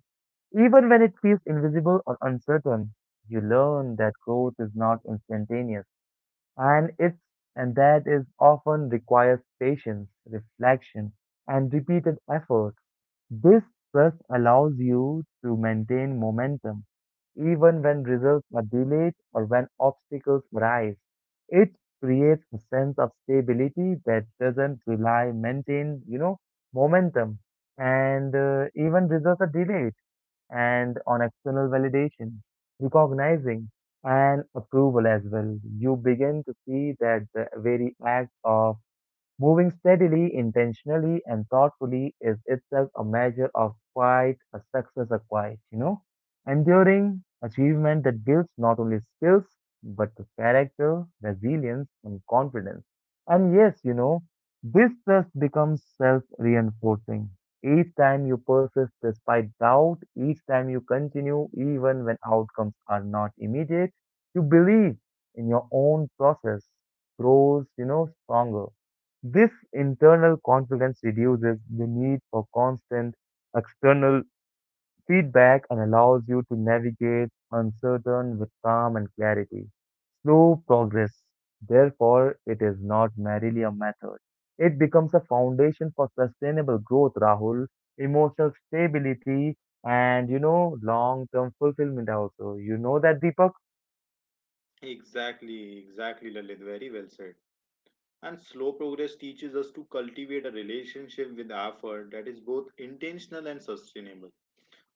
[SPEAKER 1] Even when it feels invisible or uncertain, you learn that growth is not instantaneous and it's and that is often requires patience, reflection, and repeated effort. This trust allows you to maintain momentum even when results are delayed or when obstacles arise. It creates a sense of stability that doesn't rely maintain, momentum and even results are delayed and on external validation, recognizing and approval as well. You begin to see that the very act of moving steadily, intentionally, and thoughtfully is itself a measure of quite a success acquired. Enduring achievement that builds not only skills, but the character, resilience, and confidence. And yes, this trust becomes self reinforcing. Each time you persist despite doubt, each time you continue, even when outcomes are not immediate, you believe in your own process grows, stronger. This internal confidence reduces the need for constant external feedback and allows you to navigate uncertain with calm and clarity. Slow progress. Therefore, it is not merely a method. It becomes a foundation for sustainable growth, Rahul, emotional stability, and long term fulfillment also. You know that, Deepak?
[SPEAKER 2] exactly, exactly, Lalit, very well said. And slow progress teaches us to cultivate a relationship with effort that is both intentional and sustainable.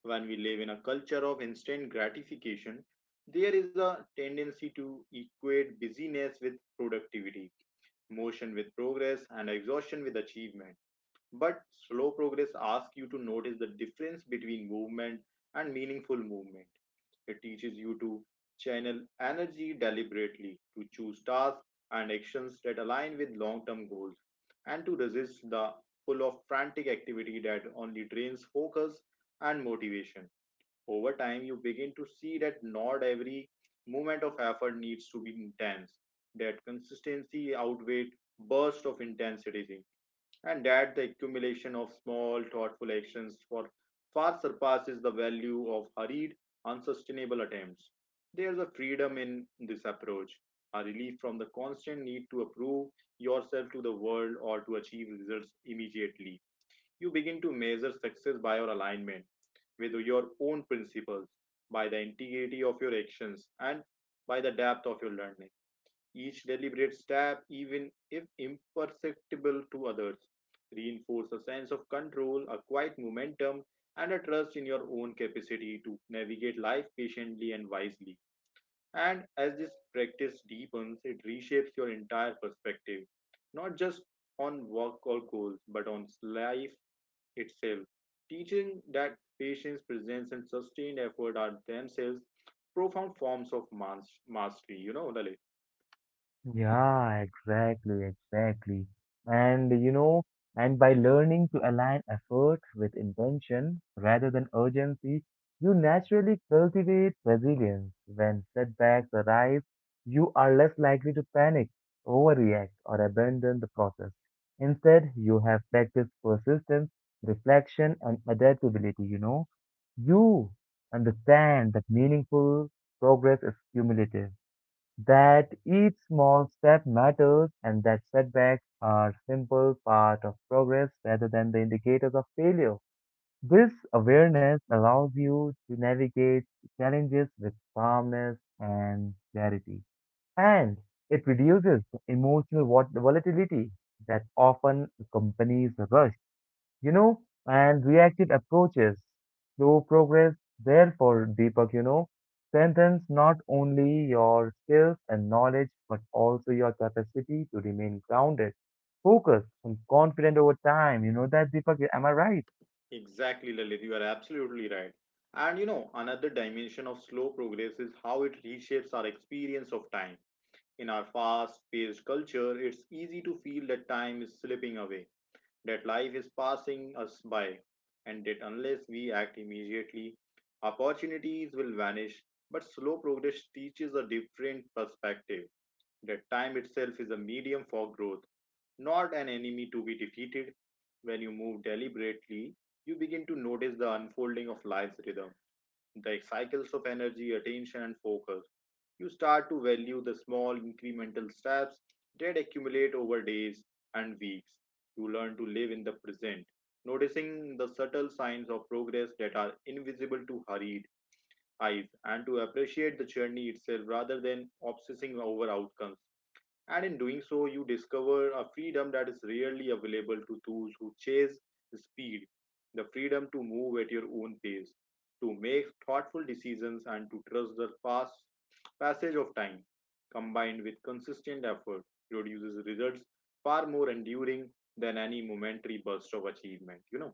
[SPEAKER 2] When we live in a culture of instant gratification, there is a tendency to equate busyness with productivity, motion with progress, and exhaustion with achievement. But slow progress asks you to notice the difference between movement and meaningful movement. It teaches you to channel energy deliberately, to choose tasks and actions that align with long term goals, and to resist the pull of frantic activity that only drains focus and motivation. Over time, you begin to see that not every moment of effort needs to be intense, that consistency outweighs bursts of intensity, and that the accumulation of small, thoughtful actions for far surpasses the value of hurried, unsustainable attempts. There's a freedom in this approach, a relief from the constant need to approve yourself to the world or to achieve results immediately. You begin to measure success by your alignment with your own principles, by the integrity of your actions, and by the depth of your learning. Each deliberate step, even if imperceptible to others, reinforces a sense of control, a quiet momentum, and a trust in your own capacity to navigate life patiently and wisely. And as this practice deepens, it reshapes your entire perspective, not just on work or goals, but on life itself, teaching that patience, presence, and sustained effort are themselves profound forms of mastery. You know, Lalit.
[SPEAKER 1] Yeah, exactly, exactly. And you know, and by learning to align effort with intention rather than urgency, you naturally cultivate resilience. When setbacks arise, you are less likely to panic, overreact, or abandon the process. Instead, you have practiced persistence, reflection, and adaptability, you know. You understand that meaningful progress is cumulative that each small step matters and that setbacks are simple part of progress rather than the indicators of failure. This awareness allows you to navigate challenges with calmness and clarity. And it reduces the emotional volatility that often accompanies a rush and reactive approaches, slow progress. Therefore, Deepak, strengthens not only your skills and knowledge, but also your capacity to remain grounded, focused, and confident over time. You know that, Deepak, am I right?
[SPEAKER 2] Exactly, Lalit. You are absolutely right. And you know, another dimension of slow progress is how it reshapes our experience of time. In our fast paced culture, it's easy to feel that time is slipping away, that life is passing us by, and that unless we act immediately, opportunities will vanish. But slow progress teaches a different perspective, that time itself is a medium for growth, not an enemy to be defeated. When you move deliberately, you begin to notice the unfolding of life's rhythm, the cycles of energy, attention, and focus. You start to value the small incremental steps that accumulate over days and weeks. You learn to live in the present, noticing the subtle signs of progress that are invisible to hurried eyes, and to appreciate the journey itself rather than obsessing over outcomes. And in doing so, you discover a freedom that is rarely available to those who chase speed, the freedom to move at your own pace, to make thoughtful decisions, and to trust the past passage of time combined with consistent effort produces results far more enduring than any momentary burst of achievement, you know.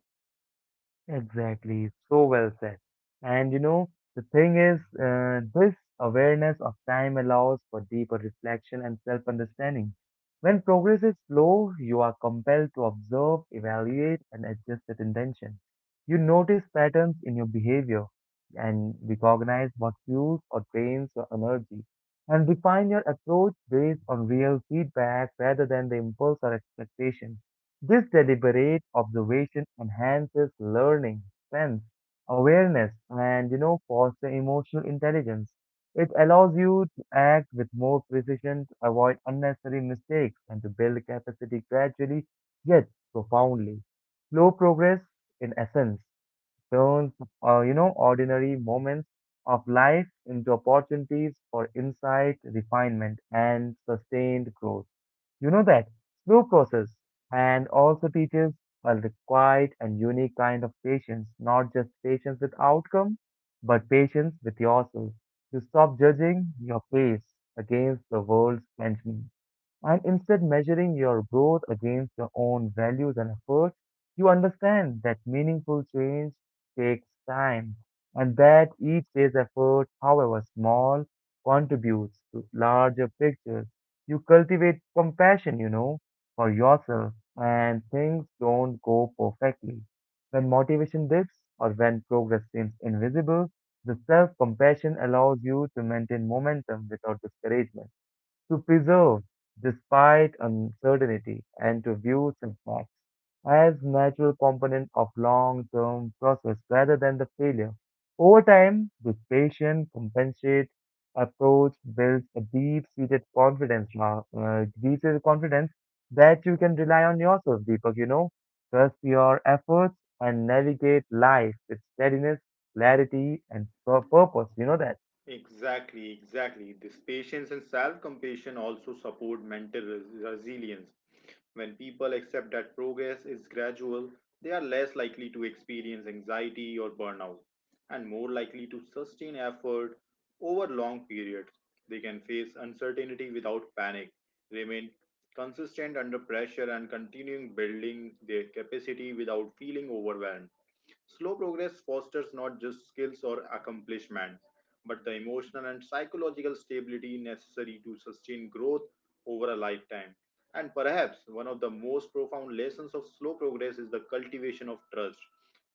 [SPEAKER 1] Exactly, so well said. And this awareness of time allows for deeper reflection and self understanding. When progress is slow, you are compelled to observe, evaluate, and adjust with intention. You notice patterns in your behavior and recognize what fuels or drains your energy and refine your approach based on real feedback rather than the impulse or expectation. This deliberate observation enhances learning, sense, awareness, and foster emotional intelligence. It allows you to act with more precision, to avoid unnecessary mistakes, and to build capacity gradually yet profoundly. Slow progress, in essence, turns ordinary moments of life into opportunities for insight, refinement, and sustained growth. You know that slow process and also teaches a quiet and unique kind of patience, not just patience with outcome, but patience with yourself. You stop judging your pace against the world's benchmark and instead measuring your growth against your own values and effort, you understand that meaningful change takes time and that each day's effort, however small, contributes to larger pictures. You cultivate compassion, for yourself and things don't go perfectly. When motivation dips or when progress seems invisible, the self-compassion allows you to maintain momentum without discouragement to preserve despite uncertainty and to view setbacks as natural component of long-term process rather than the failure. Over time, this patient compensate approach builds a deep-seated confidence, deep-seated confidence that you can rely on yourself, Deepak, trust your efforts and navigate life with steadiness, clarity, and purpose. You know that.
[SPEAKER 2] Exactly, exactly. This patience and self compassion also support mental resilience. When people accept that progress is gradual, they are less likely to experience anxiety or burnout, and more likely to sustain effort over long periods. They can face uncertainty without panic, remain consistent under pressure, and continuing building their capacity without feeling overwhelmed. Slow progress fosters not just skills or accomplishment, but the emotional and psychological stability necessary to sustain growth over a lifetime. And perhaps one of the most profound lessons of slow progress is the cultivation of trust,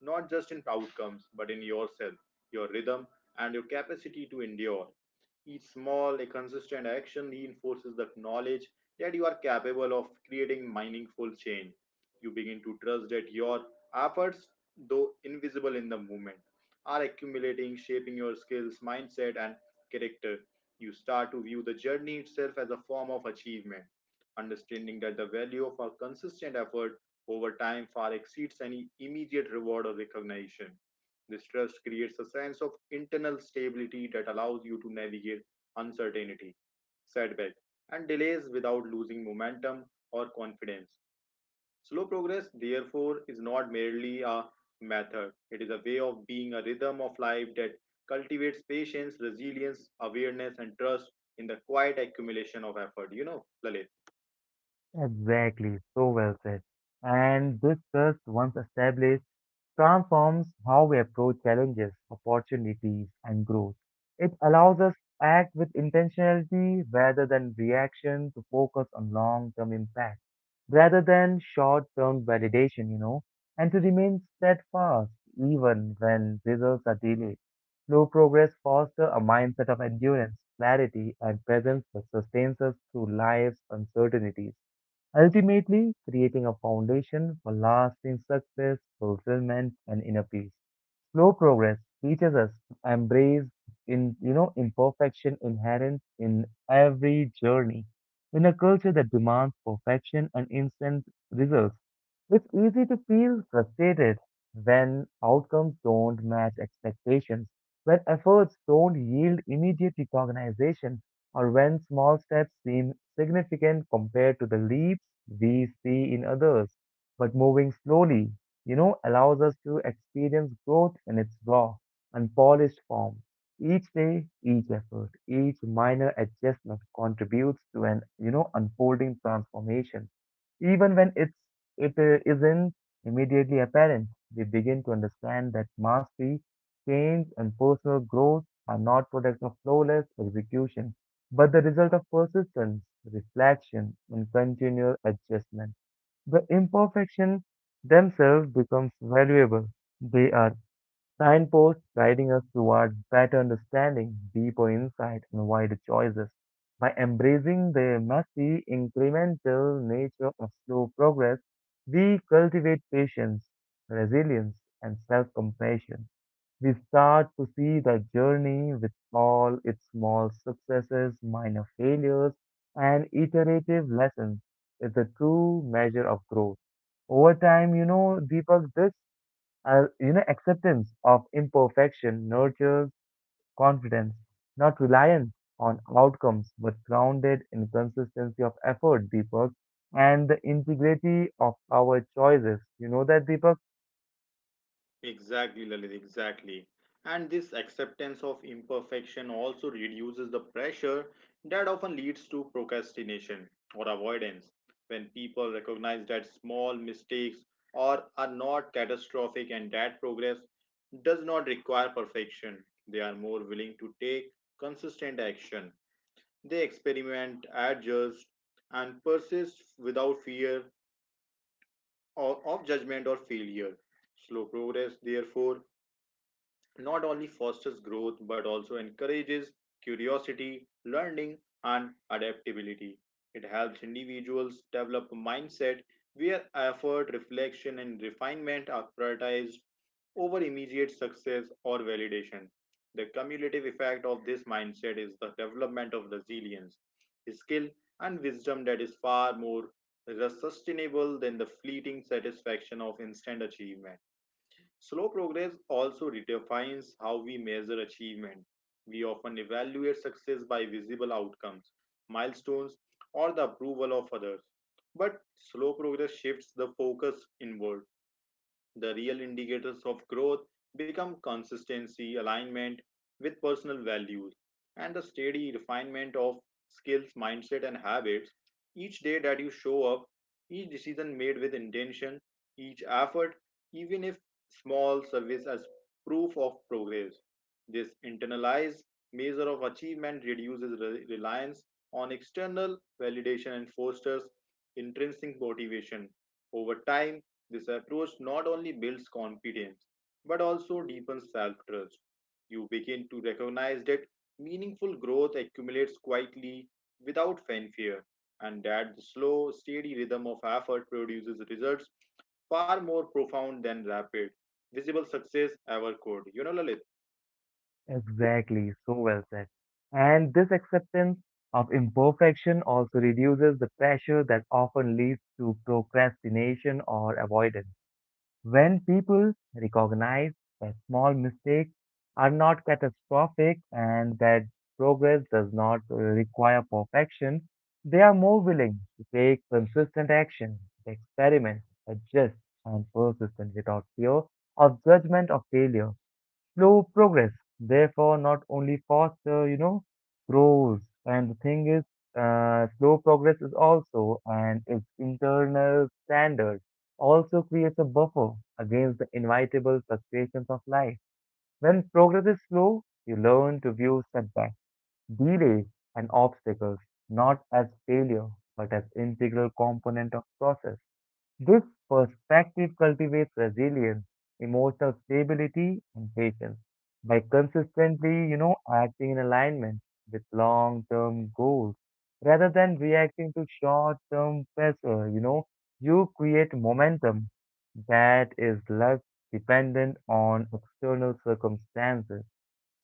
[SPEAKER 2] not just in outcomes, but in yourself, your rhythm, and your capacity to endure. Each small, a consistent action reinforces the knowledge that you are capable of creating meaningful change. You begin to trust that your efforts, though invisible in the movement, are accumulating, shaping your skills, mindset, and character. You start to view the journey itself as a form of achievement, understanding that the value of a consistent effort over time far exceeds any immediate reward or recognition. This trust creates a sense of internal stability that allows you to navigate uncertainty, setback, and delays without losing momentum or confidence. Slow progress, therefore, is not merely a method, it is a way of being, a rhythm of life that cultivates patience, resilience, awareness, and trust in the quiet accumulation of effort. You know, Lalit.
[SPEAKER 1] Exactly, so well said. And this trust, once established, transforms how we approach challenges, opportunities, and growth. It allows us to act with intentionality rather than reaction to focus on long term impact, rather than short term validation, and to remain steadfast even when results are delayed. Slow progress fosters a mindset of endurance, clarity, and presence that sustains us through life's uncertainties ultimately creating a foundation for lasting success, fulfillment, and inner peace. Slow progress teaches us to embrace in you know imperfection inherent in every journey. In a culture that demands perfection and instant results, it's easy to feel frustrated when outcomes don't match expectations, when efforts don't yield immediate recognition, or when small steps seem significant compared to the leaps we see in others. But moving slowly, allows us to experience growth in its raw, unpolished form. Each day, each effort, each minor adjustment contributes to an unfolding transformation. Even when it isn't immediately apparent, we begin to understand that mastery, change, and personal growth are not products of flawless execution but the result of persistence, reflection, and continual adjustment. The imperfection themselves becomes valuable. They are signposts guiding us towards better understanding, deeper insight, and wider choices. By embracing the messy, incremental nature of slow progress, we cultivate patience, resilience, and self compassion. We start to see the journey with all its small successes, minor failures, and iterative lessons is the true measure of growth. Over time, Deepak, this acceptance of imperfection nurtures confidence, not reliance on outcomes, but grounded in consistency of effort, Deepak, and the integrity of our choices. You know that, Deepak?
[SPEAKER 2] Exactly, Lalit, exactly. And this acceptance of imperfection also reduces the pressure that often leads to procrastination or avoidance. When people recognize that small mistakes or are not catastrophic, and that progress does not require perfection, they are more willing to take consistent action. They experiment, adjust, and persist without fear or of judgment or failure. Slow progress, therefore, not only fosters growth but also encourages curiosity, learning, and adaptability. It helps individuals develop a mindset where effort, reflection, and refinement are prioritized over immediate success or validation. The cumulative effect of this mindset is the development of resilience, skill, and wisdom that is far more sustainable than the fleeting satisfaction of instant achievement. Slow progress also redefines how we measure achievement. We often evaluate success by visible outcomes, milestones, or the approval of others. But slow progress shifts the focus inward. The real indicators of growth become consistency, alignment with personal values, and the steady refinement of skills, mindset, and habits. Each day that you show up, each decision made with intention, each effort, even if small, serves as proof of progress. This internalized measure of achievement reduces reliance on external validation and fosters intrinsic motivation. Over time, this approach not only builds confidence but also deepens self trust. You begin to recognize that meaningful growth accumulates quietly without fanfare, and that the slow, steady rhythm of effort produces results far more profound than rapid, visible success ever could. You know, Lalit?
[SPEAKER 1] Exactly, so well said. And this acceptance of imperfection also reduces the pressure that often leads to procrastination or avoidance. When people recognize that small mistakes are not catastrophic and that progress does not require perfection, they are more willing to take consistent action, experiment, adjust, and persist without fear of judgment or failure slow progress, therefore not only faster, grows. And the thing is, slow progress is also, and its internal standard also creates a buffer against the inevitable frustrations of life. When progress is slow, you learn to view setbacks, delays, and obstacles not as failure, but as integral component of process. This perspective cultivates resilience, emotional stability, and patience. By consistently, acting in alignment with long-term goals rather than reacting to short-term pressure, you create momentum that is less dependent on external circumstances.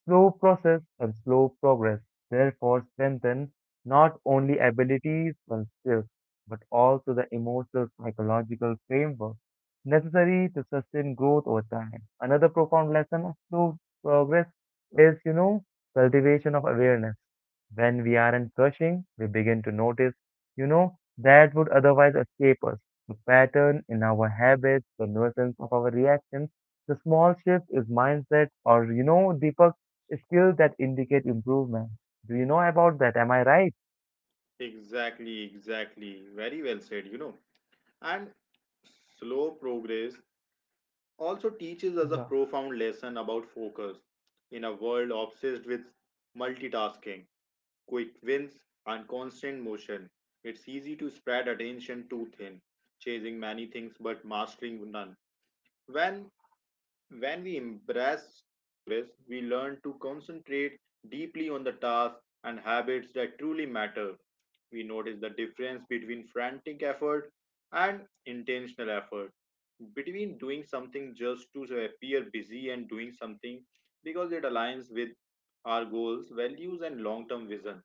[SPEAKER 1] Slow process and slow progress therefore strengthen not only abilities and skills, but also the emotional psychological framework necessary to sustain growth over time. Another profound lesson of slow progress is, cultivation of awareness. When we aren't rushing, we begin to notice, that would otherwise escape us. The pattern in our habits, the nuisance of our reactions, the small shift is mindset or deeper skills that indicate improvement. Do you know about that? Am I right?
[SPEAKER 2] Exactly, exactly. Very well said, you know. And slow progress also teaches us a
[SPEAKER 1] Yeah,
[SPEAKER 2] profound lesson about focus in a world obsessed with multitasking, quick wins, and constant motion. It's easy to spread attention too thin, chasing many things but mastering none. When when we embrace slow progress, we learn to concentrate deeply on the tasks and habits that truly matter. We notice the difference between frantic effort and intentional effort, between doing something just to appear busy and doing something because it aligns with our goals, values, and long term vision.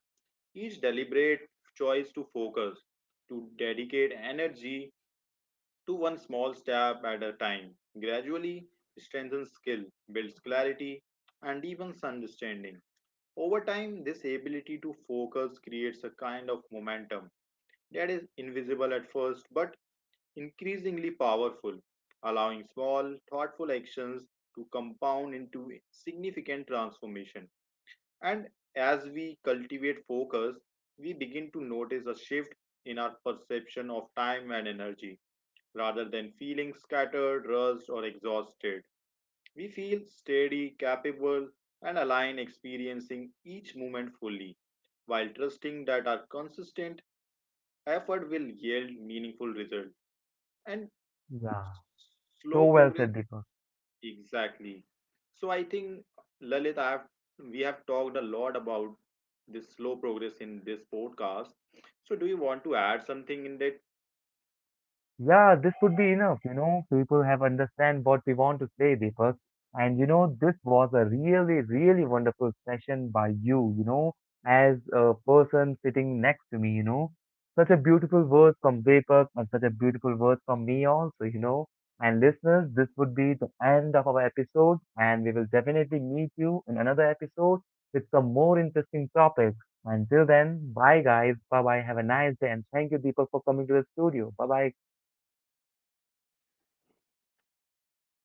[SPEAKER 2] Each deliberate choice to focus, to dedicate energy, to one small step at a time, gradually strengthens skill, builds clarity, and even understanding. Over time, this ability to focus creates a kind of momentum that is invisible at first but increasingly powerful, allowing small, thoughtful actions to compound into significant transformation. And as we cultivate focus, we begin to notice a shift in our perception of time and energy, rather than feeling scattered, rushed, or exhausted. We feel steady, capable, and aligned, experiencing each moment fully, while trusting that our consistent effort will yield meaningful results and
[SPEAKER 1] yeah. So
[SPEAKER 2] slow
[SPEAKER 1] well
[SPEAKER 2] progress.
[SPEAKER 1] said, Deepak.
[SPEAKER 2] Exactly. So I think, Lalit, I have we have talked a lot about this slow progress in this podcast. So do you want to add something in that?
[SPEAKER 1] Yeah, this would be enough. People have understand what we want to say, Deepak. And this was a really, really wonderful session by you, as a person sitting next to me. Such a beautiful word from Deepak and such a beautiful word from me also. And listeners, this would be the end of our episode, and we will definitely meet you in another episode with some more interesting topics. Until then, bye guys, bye bye, have a nice day, and thank you, Deepak, for coming to the studio. Bye bye.